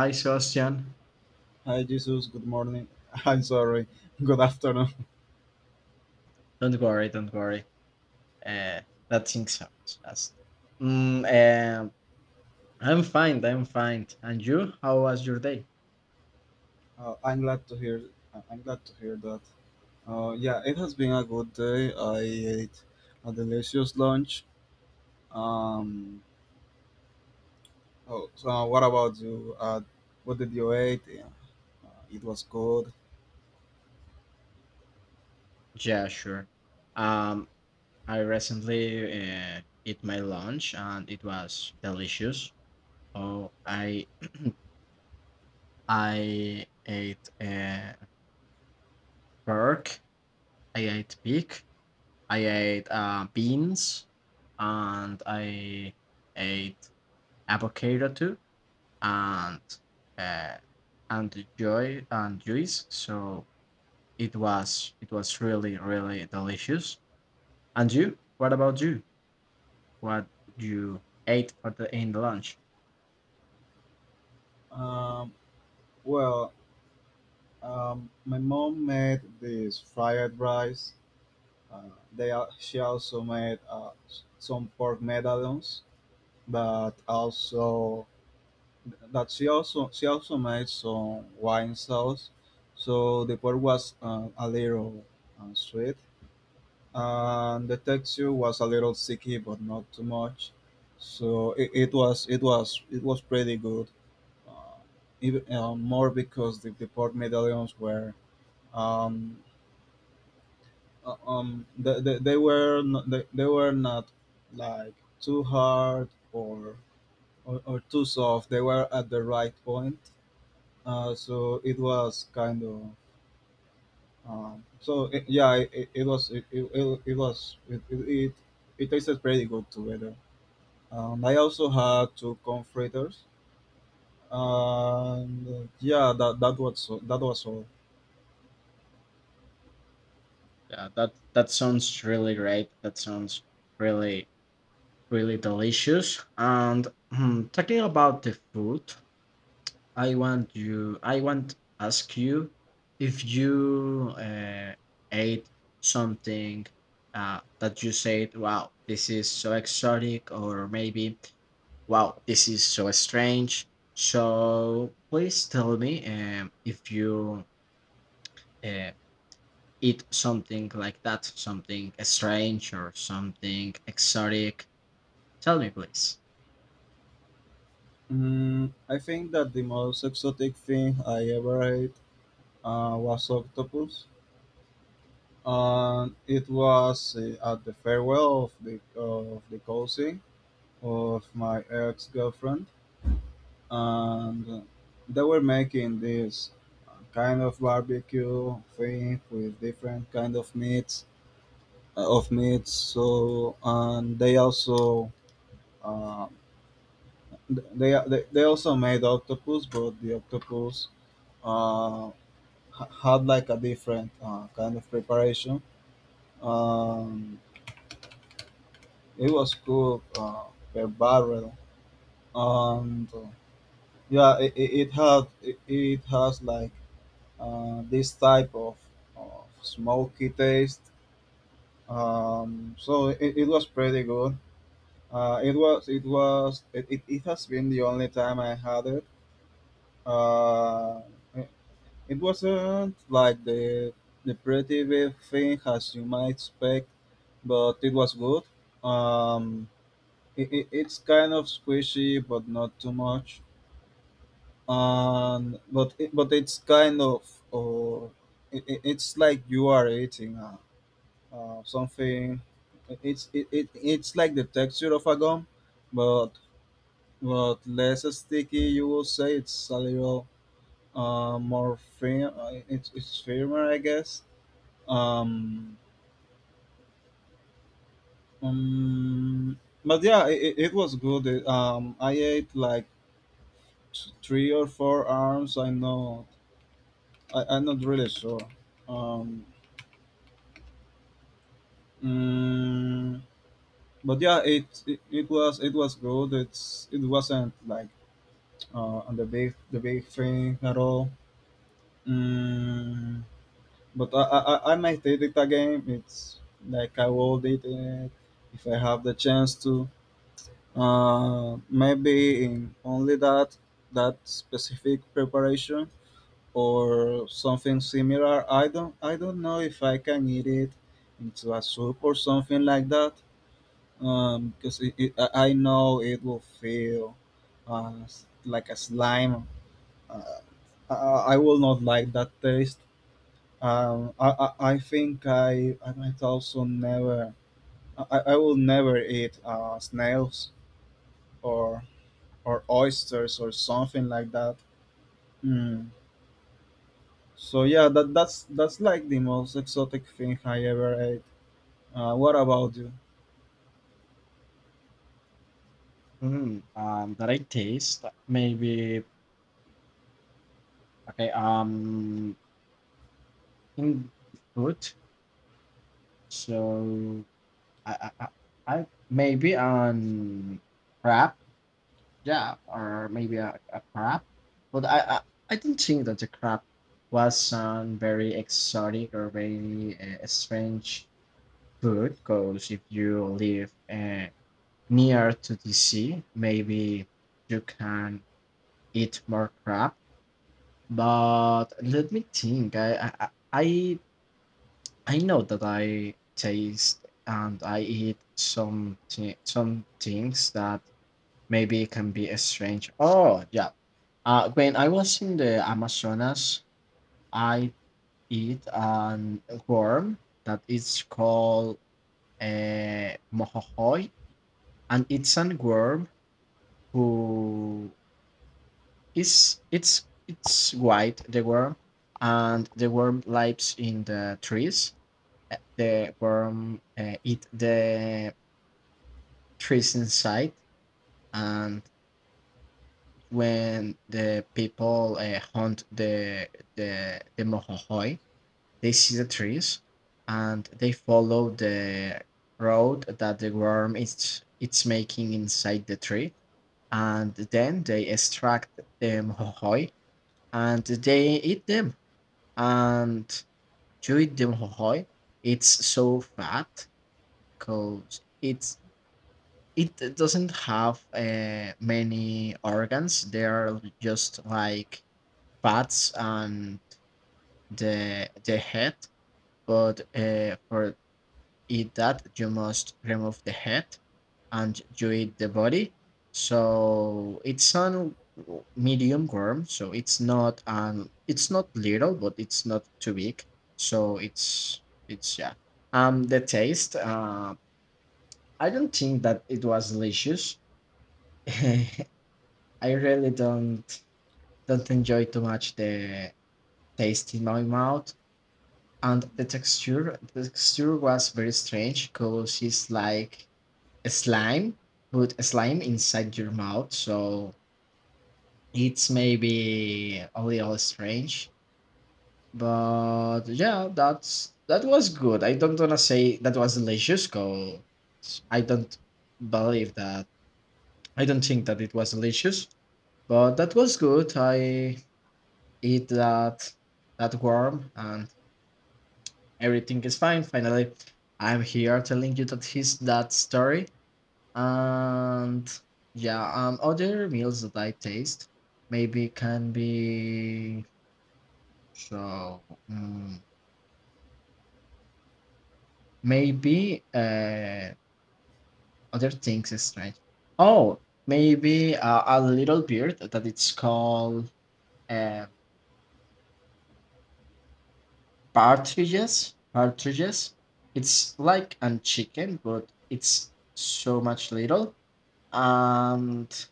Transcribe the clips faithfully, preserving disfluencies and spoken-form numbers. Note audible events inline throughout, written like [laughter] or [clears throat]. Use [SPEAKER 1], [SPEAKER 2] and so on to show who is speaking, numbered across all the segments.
[SPEAKER 1] Hi, Sebastian.
[SPEAKER 2] Hi, Jesus. Good morning. [laughs] I'm sorry. Good afternoon.
[SPEAKER 1] Don't worry, don't worry. Uh, that things happens. Just, mm, um, I'm fine. I'm fine. And you? How was your day?
[SPEAKER 2] Uh, I'm glad to hear. uh, I'm glad to hear that. Uh, yeah, it has been a good day. I ate a delicious lunch. Um, oh, so uh, what about you? Uh, what did you eat? Yeah, uh, it was good.
[SPEAKER 1] Yeah, sure. Um, I recently uh, ate my lunch, and it was delicious. Oh, I I ate uh, pork. I ate pig. I ate uh, beans, and I ate avocado too and uh, and joy and juice. So it was it was really really delicious. And you? What about you? What you ate for the in the lunch?
[SPEAKER 2] Um, well, um, my mom made this fried rice. Uh, they al- she also made uh, s- some pork medallions, but also that she also she also made some wine sauce, so the pork was uh, a little uh, sweet, and the texture was a little sticky, but not too much. So it, it was it was it was pretty good, uh, even uh, more, because the, the pork medallions were um, uh, um they, they, they were not, they, they were not like too hard, or, or or too soft. They were at the right point. Uh, so it was kind of um, so it, yeah it, it it was it, it, it it was it, it, it it tasted pretty good together. um, I also had two confraters, and uh, yeah that that was so- that was all.
[SPEAKER 1] Yeah, that that sounds really great. That sounds really really delicious. And hmm, talking about the food, I want you. I want ask you if you uh, ate something uh, that you said, "Wow, this is so exotic," or maybe, "Wow, this is so strange." So please tell me um, if you uh, eat something like that, something strange or something exotic. Tell me, please.
[SPEAKER 2] mm, I think that the most exotic thing I ever ate uh, was octopus, and it was uh, at the farewell of the of the cousin of my ex-girlfriend, and they were making this uh, kind of barbecue thing, with different kind of meats uh, of meats. So, and they also uh, they, they they also made octopus, but the octopus uh, ha- had like a different uh, kind of preparation. um, it was cooked uh, per barrel, and uh, yeah it, it, it had it, it has like uh, this type of, of smoky taste. Um, so it, it was pretty good. Uh, it was it was it, it, it has been the only time I had it. Uh, it it wasn't like the the pretty big thing as you might expect, but it was good. Um, it, it, it's kind of squishy, but not too much. And but it, but it's kind of or it, it- it's like you are eating a, uh, something. It's it, it it's like the texture of a gum, but but less sticky. You will say it's a little uh, more firm. uh, It's it's firmer, I guess. Um, um but yeah, it, it it was good. It, um, I ate like t- three or four arms. I know. I, I'm not really sure. Um. mm, but yeah, it, it it was it was good. It's it wasn't like uh, on the big the big screen at all. Mm, but I, I I I might date it again. It's like I will date it if I have the chance to. Uh, maybe in only that that specific preparation, or something similar. I don't I don't know if I can eat it into a soup or something like that. Um, because it, it, I I know it will feel uh, s- like a slime. uh, uh, I will not like that taste. Um, I, I, I think I, I might also never — I, I will never eat uh, snails, or or oysters, or something like that. Mm. So yeah, that that's that's like the most exotic thing I ever ate. Uh, what about you?
[SPEAKER 1] Mm, um, that I taste maybe okay. Um, in food. So I, I, I I- maybe on crab, yeah, or maybe a, a crab. But I, I, I didn't think that the crab was on very exotic or very uh, strange food. Because if you live uh, near to the sea, maybe you can eat more crab. But let me think. I, I, I I I know that I taste and I eat some thi- some things that maybe can be a strange. Oh yeah, uh, when I was in the Amazonas, I eat an worm that is called a mohohoy, and it's an worm who is it's it's white the worm, and the worm lives in the trees. Uh, The worm uh, eat the trees inside and when the people uh, hunt the the the mohohoi they see the trees and they follow the road that the worm is it's making inside the tree and then they extract the mohohoi and they eat them. And to eat the mohohoi it's so fat because it's it d- doesn't have uh, many organs. They are just like fats and the the head. But uh, for eat that, you must remove the head and you eat the body. So it's on medium worm. So it's not um it's not little, but it's not too big. So it's it's yeah. Um, the taste. Uh, I don't think that it was delicious. [laughs] I really don't don't enjoy too much the taste in my mouth and the texture. The texture was very strange because it's like a slime, but a slime inside your mouth. So it's maybe a little strange. But yeah, that's that was good. I don't wanna say that was delicious because I don't believe that. I don't think that it was delicious, but that was good. I eat that that worm and everything is fine finally. I'm here telling you that his that story. And yeah, um other meals that I taste maybe can be so mm, maybe uh other things is strange. Oh, maybe uh, a little beard that it's called um partridges, partridges. It's like an chicken, but it's so much little. And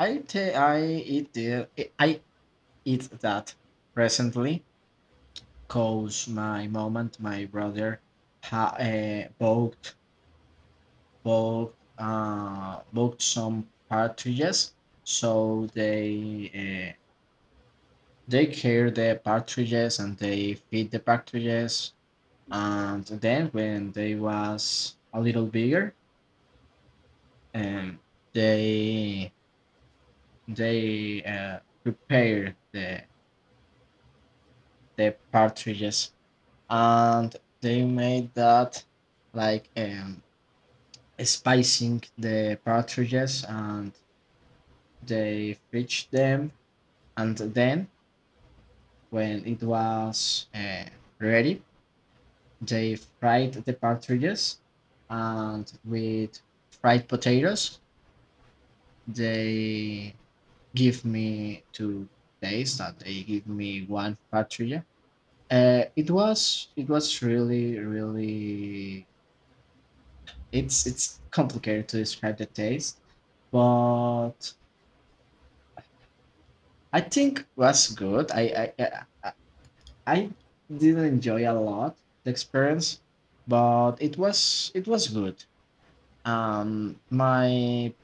[SPEAKER 1] I ta- I eat the I eat that recently cause my mom and my brother ha- uh, both both uh both some partridges, so they uh, they care the partridges and they feed the partridges and then when they was a little bigger, um, they they uh, prepared the the partridges and they made that like um, spicing the partridges and they fridged them and then when it was uh, ready they fried the partridges and with fried potatoes they give me two days that they give me one patria. Uh, it was it was really really it's it's complicated to describe the taste, but I think was good. I I I, I I didn't enjoy a lot the experience, but it was it was good. Um, my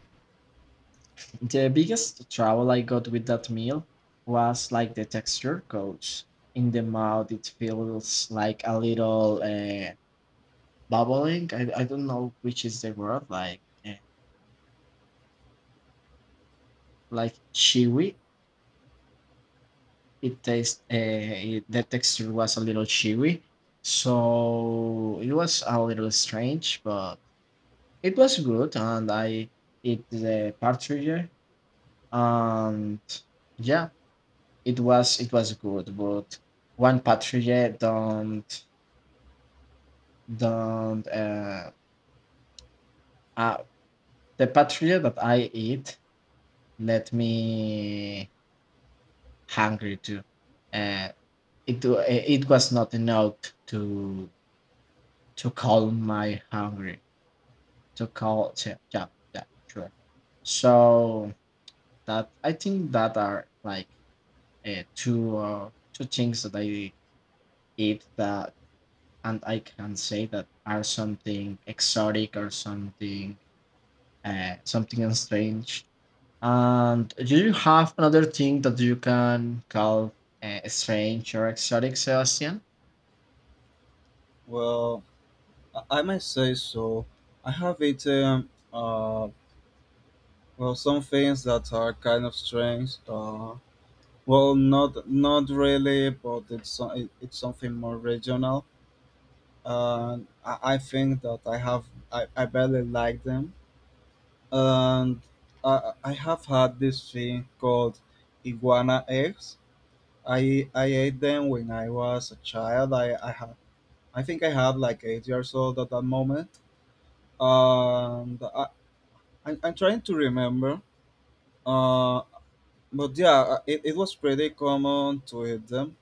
[SPEAKER 1] The biggest trouble I got with that meal was like the texture goes in the mouth. It feels like a little uh, bubbling. I, I don't know which is the word. Like uh, like chewy. It tastes. Uh, it- the texture was a little chewy, so it was a little strange, but it was good. And I ate the partridge, and yeah, it was it was good, but one patrouille don't don't uh, uh the patrouille that I eat let me hungry too. Uh, it wa- it was not enough to to calm my hungry to call. Yeah, yeah, yeah, sure. So that I think that are like uh, two uh, two things that I eat that and I can say that are something exotic or something uh, something strange. And do you have another thing that you can call uh, strange or exotic, Sebastian?
[SPEAKER 2] Well, I, I might say so. I have eaten uh, well, some things that are kind of strange. Uh, Well, not not really, but it's so- it- it's something more regional, and I, I think that I have I, I barely like them, and I I have had this thing called iguana eggs. I I ate them when I was a child. I I had I think I had like eight years old at that moment, and I, I I'm trying to remember. Uh, but yeah, it, it was pretty common to eat them,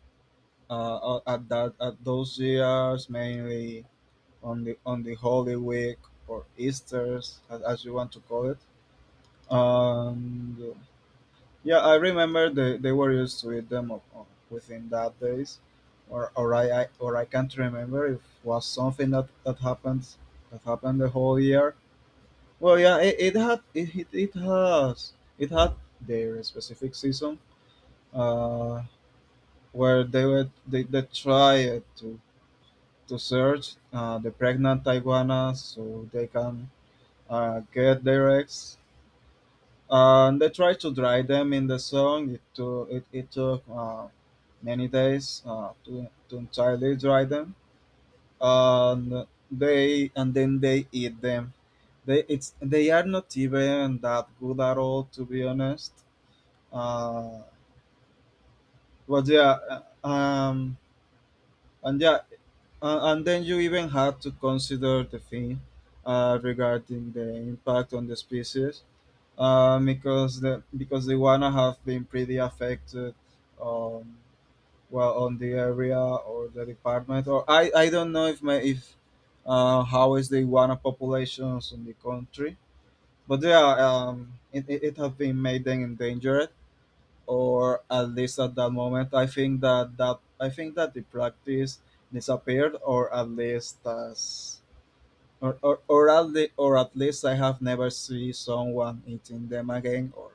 [SPEAKER 2] uh, uh, at that at those years, mainly on the on the Holy Week, or Easter's, as, as you want to call it. And uh, yeah, I remember they, they were used to eat them o- o- within that days, or or I, I or I can't remember if was something that that happens that happened the whole year. Well, yeah, it, it had it, it it has it had their specific season, uh, where they were they, they tried to to search uh, the pregnant iguanas, so they can uh, get their eggs. And they try to dry them in the sun. It took it, it took uh, many days, uh, to to entirely dry them, and they and then they eat them. They it's they are not even that good at all, to be honest. Uh, but yeah. uh, um, and yeah, Uh, and then you even have to consider the thing uh, regarding the impact on the species, uh, because the because the iguana have been pretty affected, um, well, on the area or the department, or I, I don't know if my if uh, how is the iguana populations in the country, but yeah, um, it it, it have been made then endangered, or at least at that moment. i think that that I think that the practice disappeared, or at least as or, or, or, at the, or at least I have never seen someone eating them again, or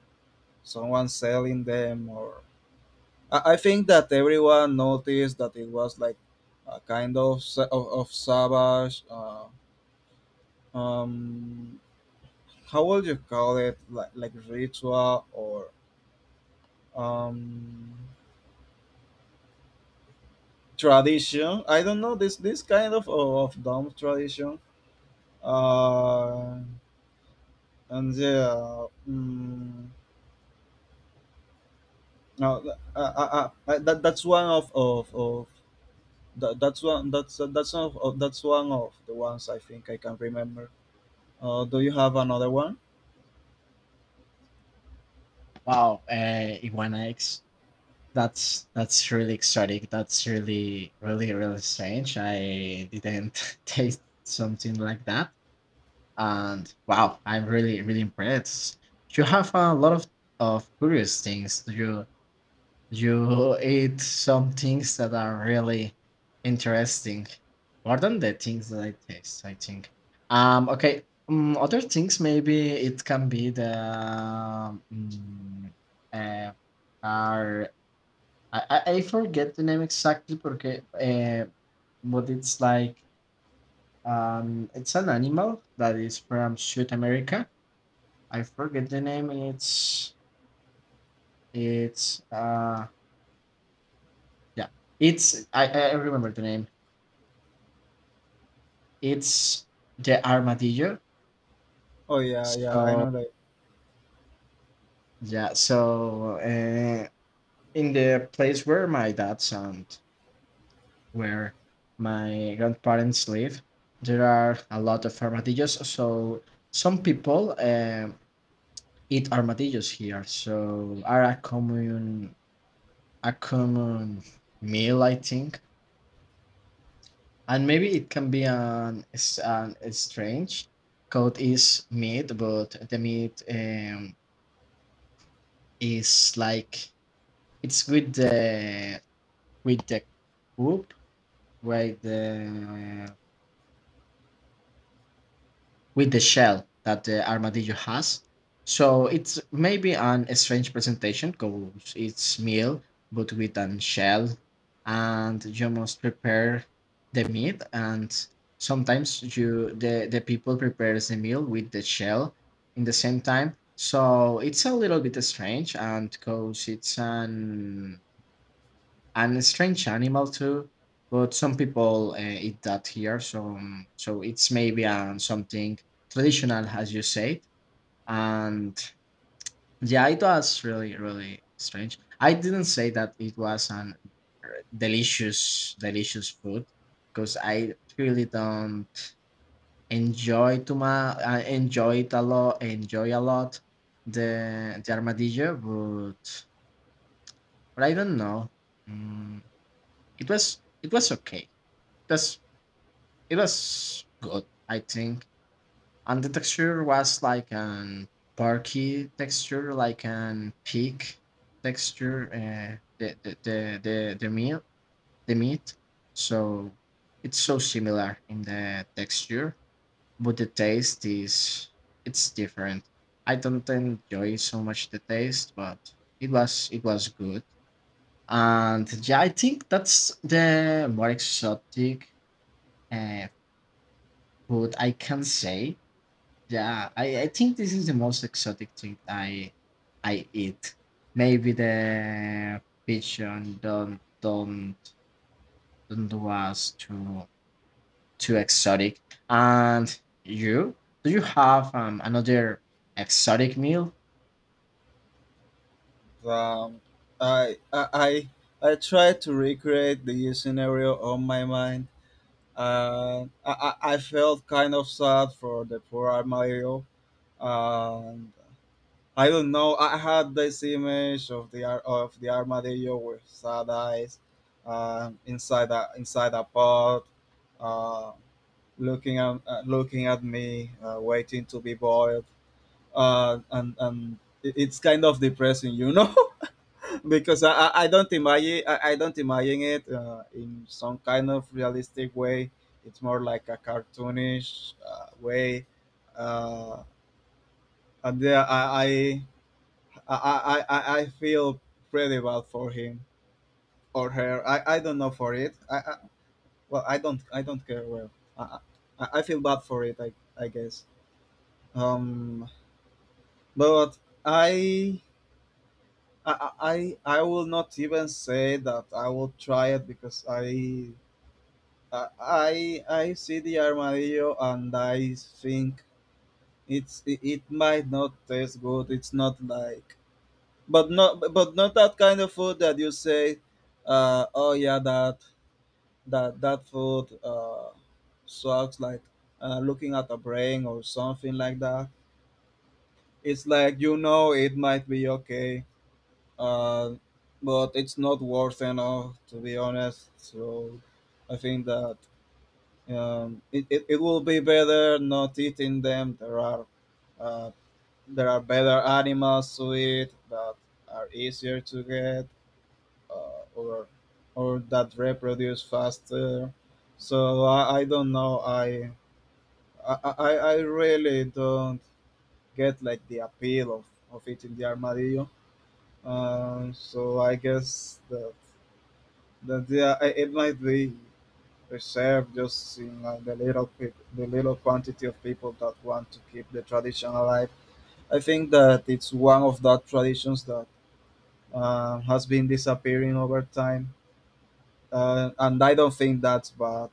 [SPEAKER 2] someone selling them, or i, I think that everyone noticed that it was like a kind of sa- of, of savage, uh, um how would you call it, like, like ritual, or um tradition. I don't know, this this kind of, oh, of dumb tradition. uh and yeah. Mm, no. uh, uh, uh, uh, that, that's one of of, of that, that's one that's uh, that's one of, of- that's one of the ones I think I can remember. Uh do you have another one?
[SPEAKER 1] Wow, uh, iguana eggs. That's that's really exotic. That's really really really strange. I didn't [laughs] taste something like that. And wow, I'm really really impressed. You have a lot of of curious things. You you eat some things that are really interesting. More than the things that I taste, I think. Um. Okay. Um, other things maybe it can be the um, uh, are I, I, I forget the name exactly porque uh, but it's like um it's an animal that is from South America. I forget the name. It's it's uh yeah. It's I, I remember the name. It's the armadillo.
[SPEAKER 2] Oh, yeah yeah I
[SPEAKER 1] So
[SPEAKER 2] know that.
[SPEAKER 1] yeah, so uh, in the place where my dad's and where my grandparents live, there are a lot of armadillos. So some people um eat armadillos here, so are a common a common meal, I think. And maybe it can be an, s- an a strange code is meat, but the meat um, is like it's with the with the coop, right? The with the shell that the armadillo has. So it's maybe an a strange presentation because it's meal but with an shell, and you must prepare the meat. And sometimes you the the people prepares the meal with the shell in the same time. So it's a little bit strange, and because it's an and strange animal too. But some people uh, eat that here, so um, so it's maybe um, something traditional, as you said. And yeah, it was really really strange. I didn't say that it was an uh, delicious delicious food because I really don't enjoy too much. I enjoy it a lot. Enjoy a lot the the armadillo, but but I don't know. Mm, it was it was okay. It was it was good, I think. And the texture was like an barky texture, like an pig texture. Uh, the the the the the meat the meat. So it's so similar in the texture, but the taste is it's different. I don't enjoy so much the taste, but it was it was good. And yeah, I think that's the more exotic uh, food I can say. Yeah, I, I think this is the most exotic thing I I eat. Maybe the pigeon don't don't don't do us too too exotic. And you? Do you have um another exotic meal?
[SPEAKER 2] um i i i I tried to recreate the scenario on my mind. uh, I, I I felt kind of sad for the poor Mario. And I don't know. I had this image of the ar- of the armadillo with sad eyes, uh, inside a inside a pot, uh, looking at uh, looking at me, uh, waiting to be boiled. Uh, and and it- it's kind of depressing, you know, [laughs] because I, I I don't imagine I, I don't imagine it uh, in some kind of realistic way. It's more like a cartoonish uh, way. Uh, and yeah, I, I I, I, I I feel pretty bad for him or her. I, I don't know, for it. I, I Well, I don't I don't care, well. I, I, I feel bad for it. I I guess. Um, but I. I, I I will not even say that I will try it, because I I I I see the armadillo and I think it's it, it might not taste good. It's not like — but not but not that kind of food that you say, uh oh yeah, that that that food uh sucks, like uh, looking at a brain or something like that. It's like, you know, it might be okay, uh but it's not worth enough, to be honest. So, I think that um it, it, it will be better not eating them. There are uh there are better animals to eat, that are easier to get, uh, or or that reproduce faster. So I, I don't know. I, I I I really don't get, like, the appeal of, of eating the armadillo. Um, so I guess that that yeah, i- it might be reserved, just in like the little peop the little quantity of people that want to keep the tradition alive. I think that it's one of that traditions that um, has been disappearing over time, uh, and I don't think that's bad.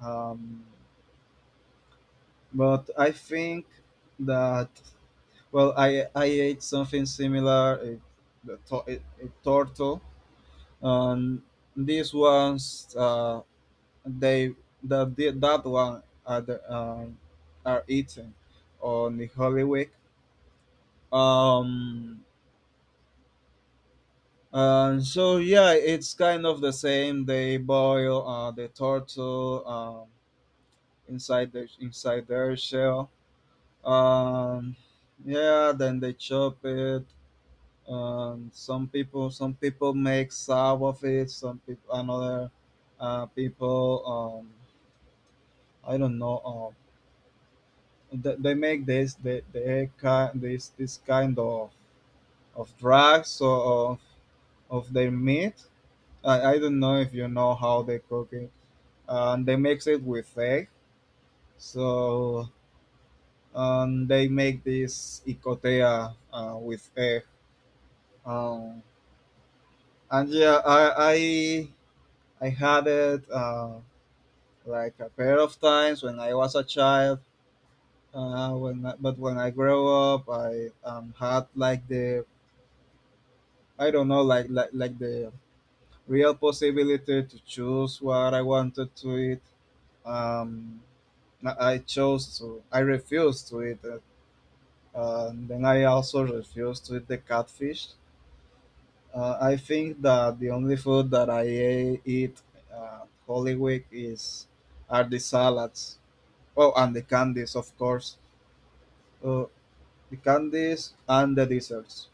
[SPEAKER 2] Um, but I think that, well, I I ate something similar, a, the to- a, a turtle, and these ones, uh, they that the, that one are, the, um are eaten on the Holy Week. Um, and so yeah, it's kind of the same. They boil uh, the turtle, um, inside the inside their shell. Um, yeah, then they chop it. Um, some people, some people make sour of it. Some people, another uh, people, um, I don't know. Um, they, they make this, they, they kind this this kind of of drugs, or of of their meat. I, I don't know if you know how they cook it. Um, they mix it with egg. So, um, they make this icotea uh, with egg. Um, and yeah, I I I had it uh, like a pair of times when I was a child. Uh, when I, but when I grow up, I um, had like the I don't know like, like like the real possibility to choose what I wanted to eat. Um, I I chose to I refused to eat it, and then I also refused to eat the catfish. Uh, I think that the only food that I e- eat uh, Holy Week is are the salads. Oh, and the candies, of course. Uh, the candies and the desserts.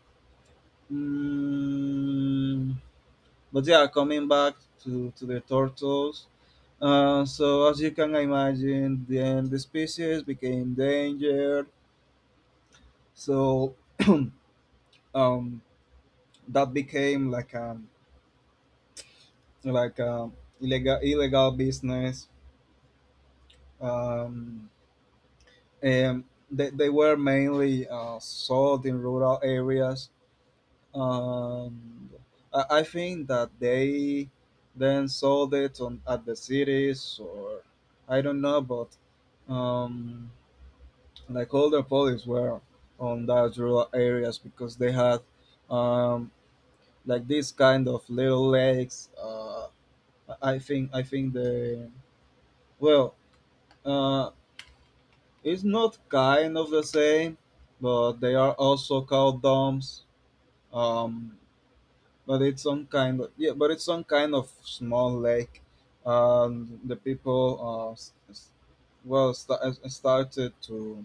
[SPEAKER 2] Mm, but yeah, coming back to, to the turtles. Uh, so as you can imagine, then the species became endangered. So [clears throat] um, that became like um like um illegal illegal business, um, and they, they were mainly uh, sold in rural areas. Um, I, I think that they then sold it on at the cities, or I don't know, but um, like all the police were on those rural areas, because they had um, like this kind of little lakes. Uh, I I think I think the Well. Uh, It's not kind of the same, but they are also called domes. Um, but it's some kind of yeah, but it's some kind of small lake. Um, the people uh, s- s- well st- uh, started to —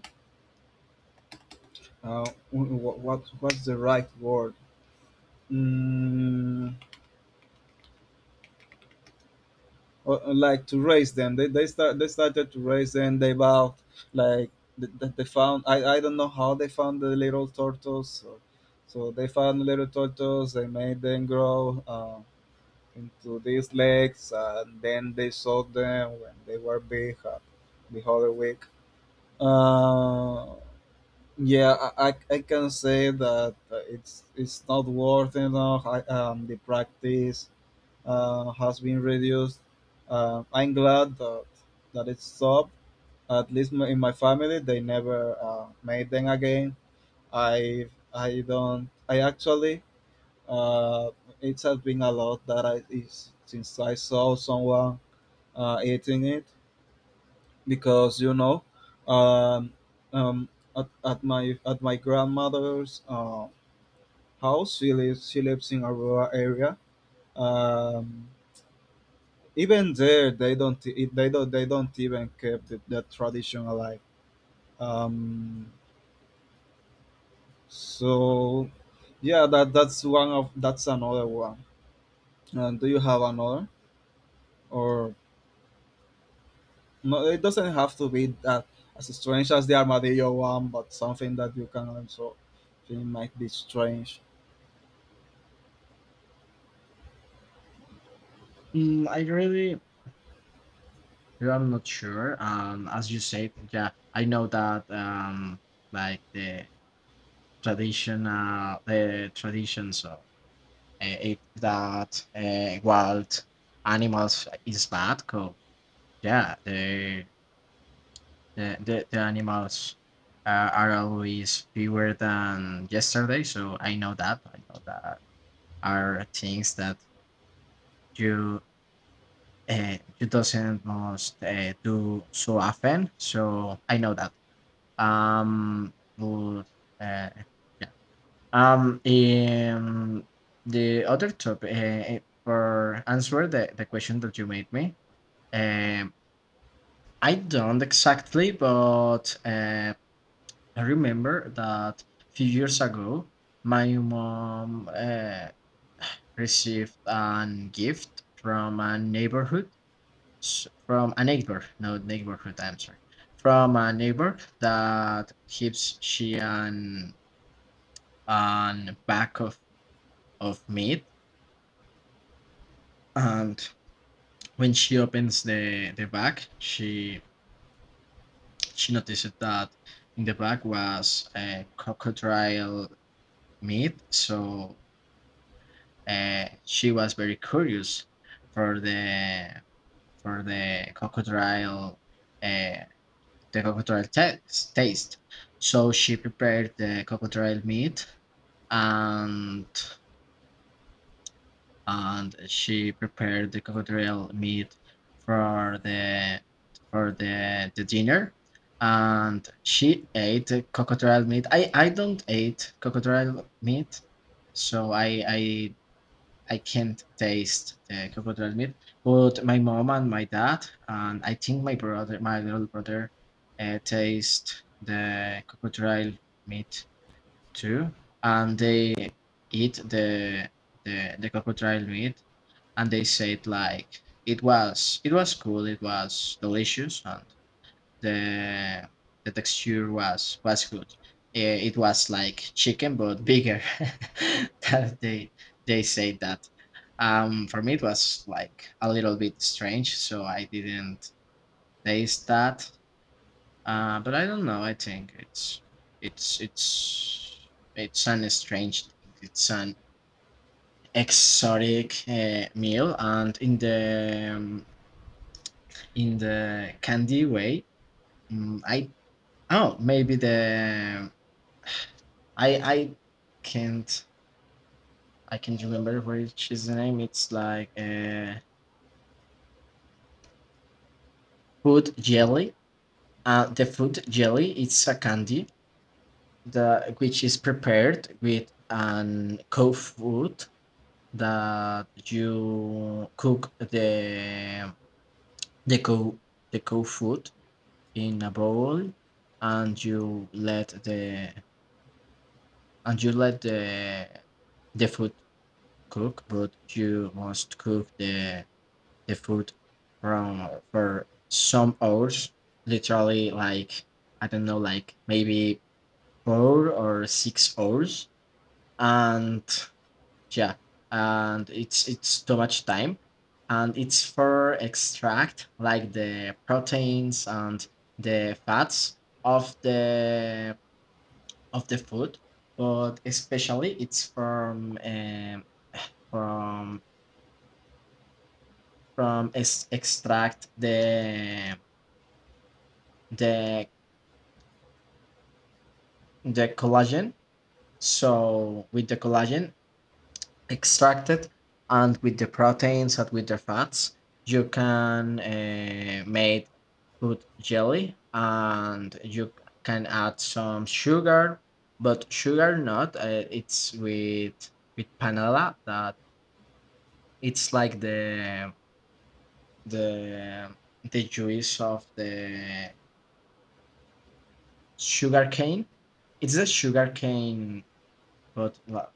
[SPEAKER 2] uh, wh- wh- what what's the right word? Mm, or, or, like, to raise them. They they start they started to raise them. They bought, like, th- th- they found, I, I don't know how they found the little turtles. So, so they found little turtles. They made them grow uh, into these legs, and then they sold them when they were big, uh, the other week. Uh, yeah, I, I I can say that uh, it's it's not worth enough. I, um, the practice uh, has been reduced. Uh, I'm glad that, that it stopped. At least, my- in my family, they never uh, made them again. I I don't. I actually, uh, it has been a lot that I is since I saw someone uh, eating it, because you know, um, um, at, at my at my grandmother's uh, house. She lives she lives in a rural area. Um, Even there, they don't it- they don't they don't even keep the, the tradition alive. um so yeah, that that's one of that's another one. And do you have another? Or no, it doesn't have to be that — as strange as the armadillo one — but something that you can also think might be strange.
[SPEAKER 1] Mm, I really I'm not sure. Um, as you said, yeah, I know that um like the tradition traditional the traditions of uh, if that uh, wild animals is bad because yeah the the, the, the animals uh, are always fewer than yesterday. So I know that I know that are things that you uh, you doesn't most uh, do so often so I know that um but uh, yeah. Um, um, the other topic uh, for answer the, the question that you made me. Um, I don't exactly, but uh, I remember that a few years ago, my mom uh, received an gift from a neighborhood, s- from a neighbor, no neighborhood. I'm sorry, from a neighbor that gives she an an bag of of meat. And when she opens the the bag, she she notices that in the bag was a crocodile meat. So uh, she was very curious for the for the crocodile uh, the crocodile taste taste. So she prepared the crocodile meat and and she prepared the crocodile meat for the for the, the dinner and she ate the crocodile meat. i i don't eat crocodile meat, so i i I can't taste the crocodile meat, but my mom and my dad and I think my brother my little brother uh, taste the crocodile meat too and they eat the the, the crocodile meat. And they said like it was it was cool, it was delicious, and the the texture was was good. Eh, it was like chicken but bigger. [laughs] that they they say that. Um, for me it was like a little bit strange, so I didn't taste that. Uh, but I don't know. I think it's it's it's it's an strange thing. It's an exotic uh, meal, and in the um, in the candy way. Mm, I oh maybe the I I can't I can't remember which is the name. It's like uh, food jelly. Uh, the food jelly. It's a candy the which is prepared with an cold food that you cook the the cow the cow food in a bowl and you let the. And you let the the food cook, but you must cook the the food from for some hours, literally like I don't know, like maybe four or six hours. And yeah, and it's it's too much time. And it's for extract like the proteins and the fats of the of the food, but especially it's from um, from from es- extract the the the collagen. So with the collagen extracted and with the proteins and with the fats, you can uh, make food jelly and you c- can add some sugar, but sugar not. Uh, it's with with panela that it's like the the the juice of the sugar cane. It's a sugar cane, but well,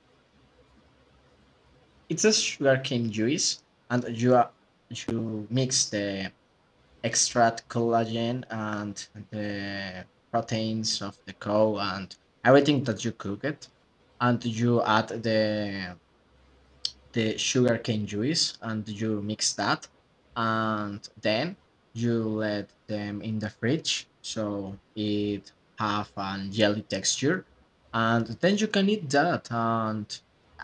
[SPEAKER 1] it's a sugar cane juice, and you are, you mix the extract collagen and the proteins of the cow and everything that you cook it, and you add the the sugarcane juice and you mix that and then you let them in the fridge so it have a jelly texture and then you can eat that. And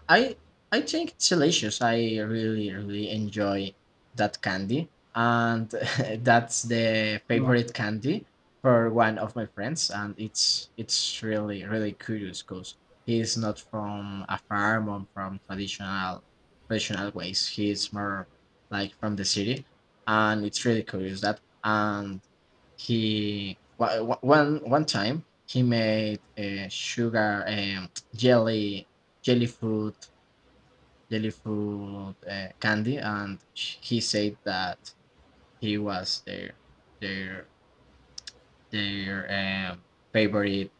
[SPEAKER 1] I I think it's delicious. I really really enjoy that candy, and [laughs] that's the
[SPEAKER 2] No.
[SPEAKER 1] favorite candy for one of my friends. And it's it's really really curious because he's not from a farm or from traditional traditional ways. He's more like from the city, and it's really curious that. And he wa- wa- one one time he made a sugar um, jelly jelly fruit jelly fruit uh, candy, and he said that he was their their their um, favorite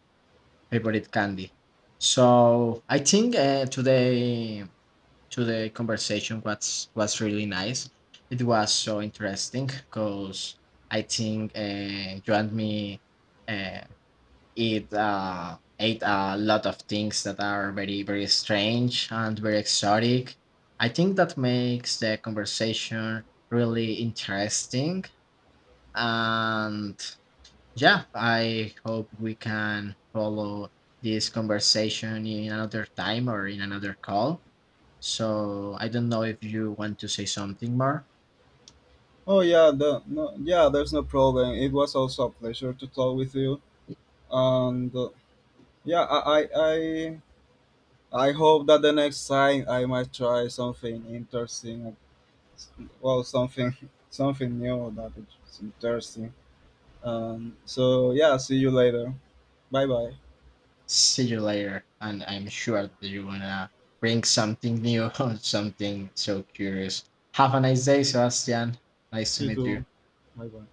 [SPEAKER 1] favorite candy. So I think uh, today to the conversation was was really nice. It was so interesting because I think uh, you and me uh, it uh, ate a lot of things that are very very strange and very exotic. I think that makes the conversation really interesting, and yeah, I hope we can follow this conversation in another time or in another call. So I don't know if you want to say something more.
[SPEAKER 2] Oh yeah, the, no, yeah, there's no problem. It was also a pleasure to talk with you, and uh, yeah, i i, I I hope that the next time I might try something interesting. Well, something [laughs] something new that is interesting. Um, so yeah, see you later. Bye bye.
[SPEAKER 1] See you later, and I'm sure that you're gonna bring something new [laughs] or something so curious. Have a nice day, Sebastian. Nice to
[SPEAKER 2] You
[SPEAKER 1] meet you.
[SPEAKER 2] too. Bye bye.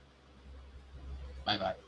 [SPEAKER 1] Bye bye.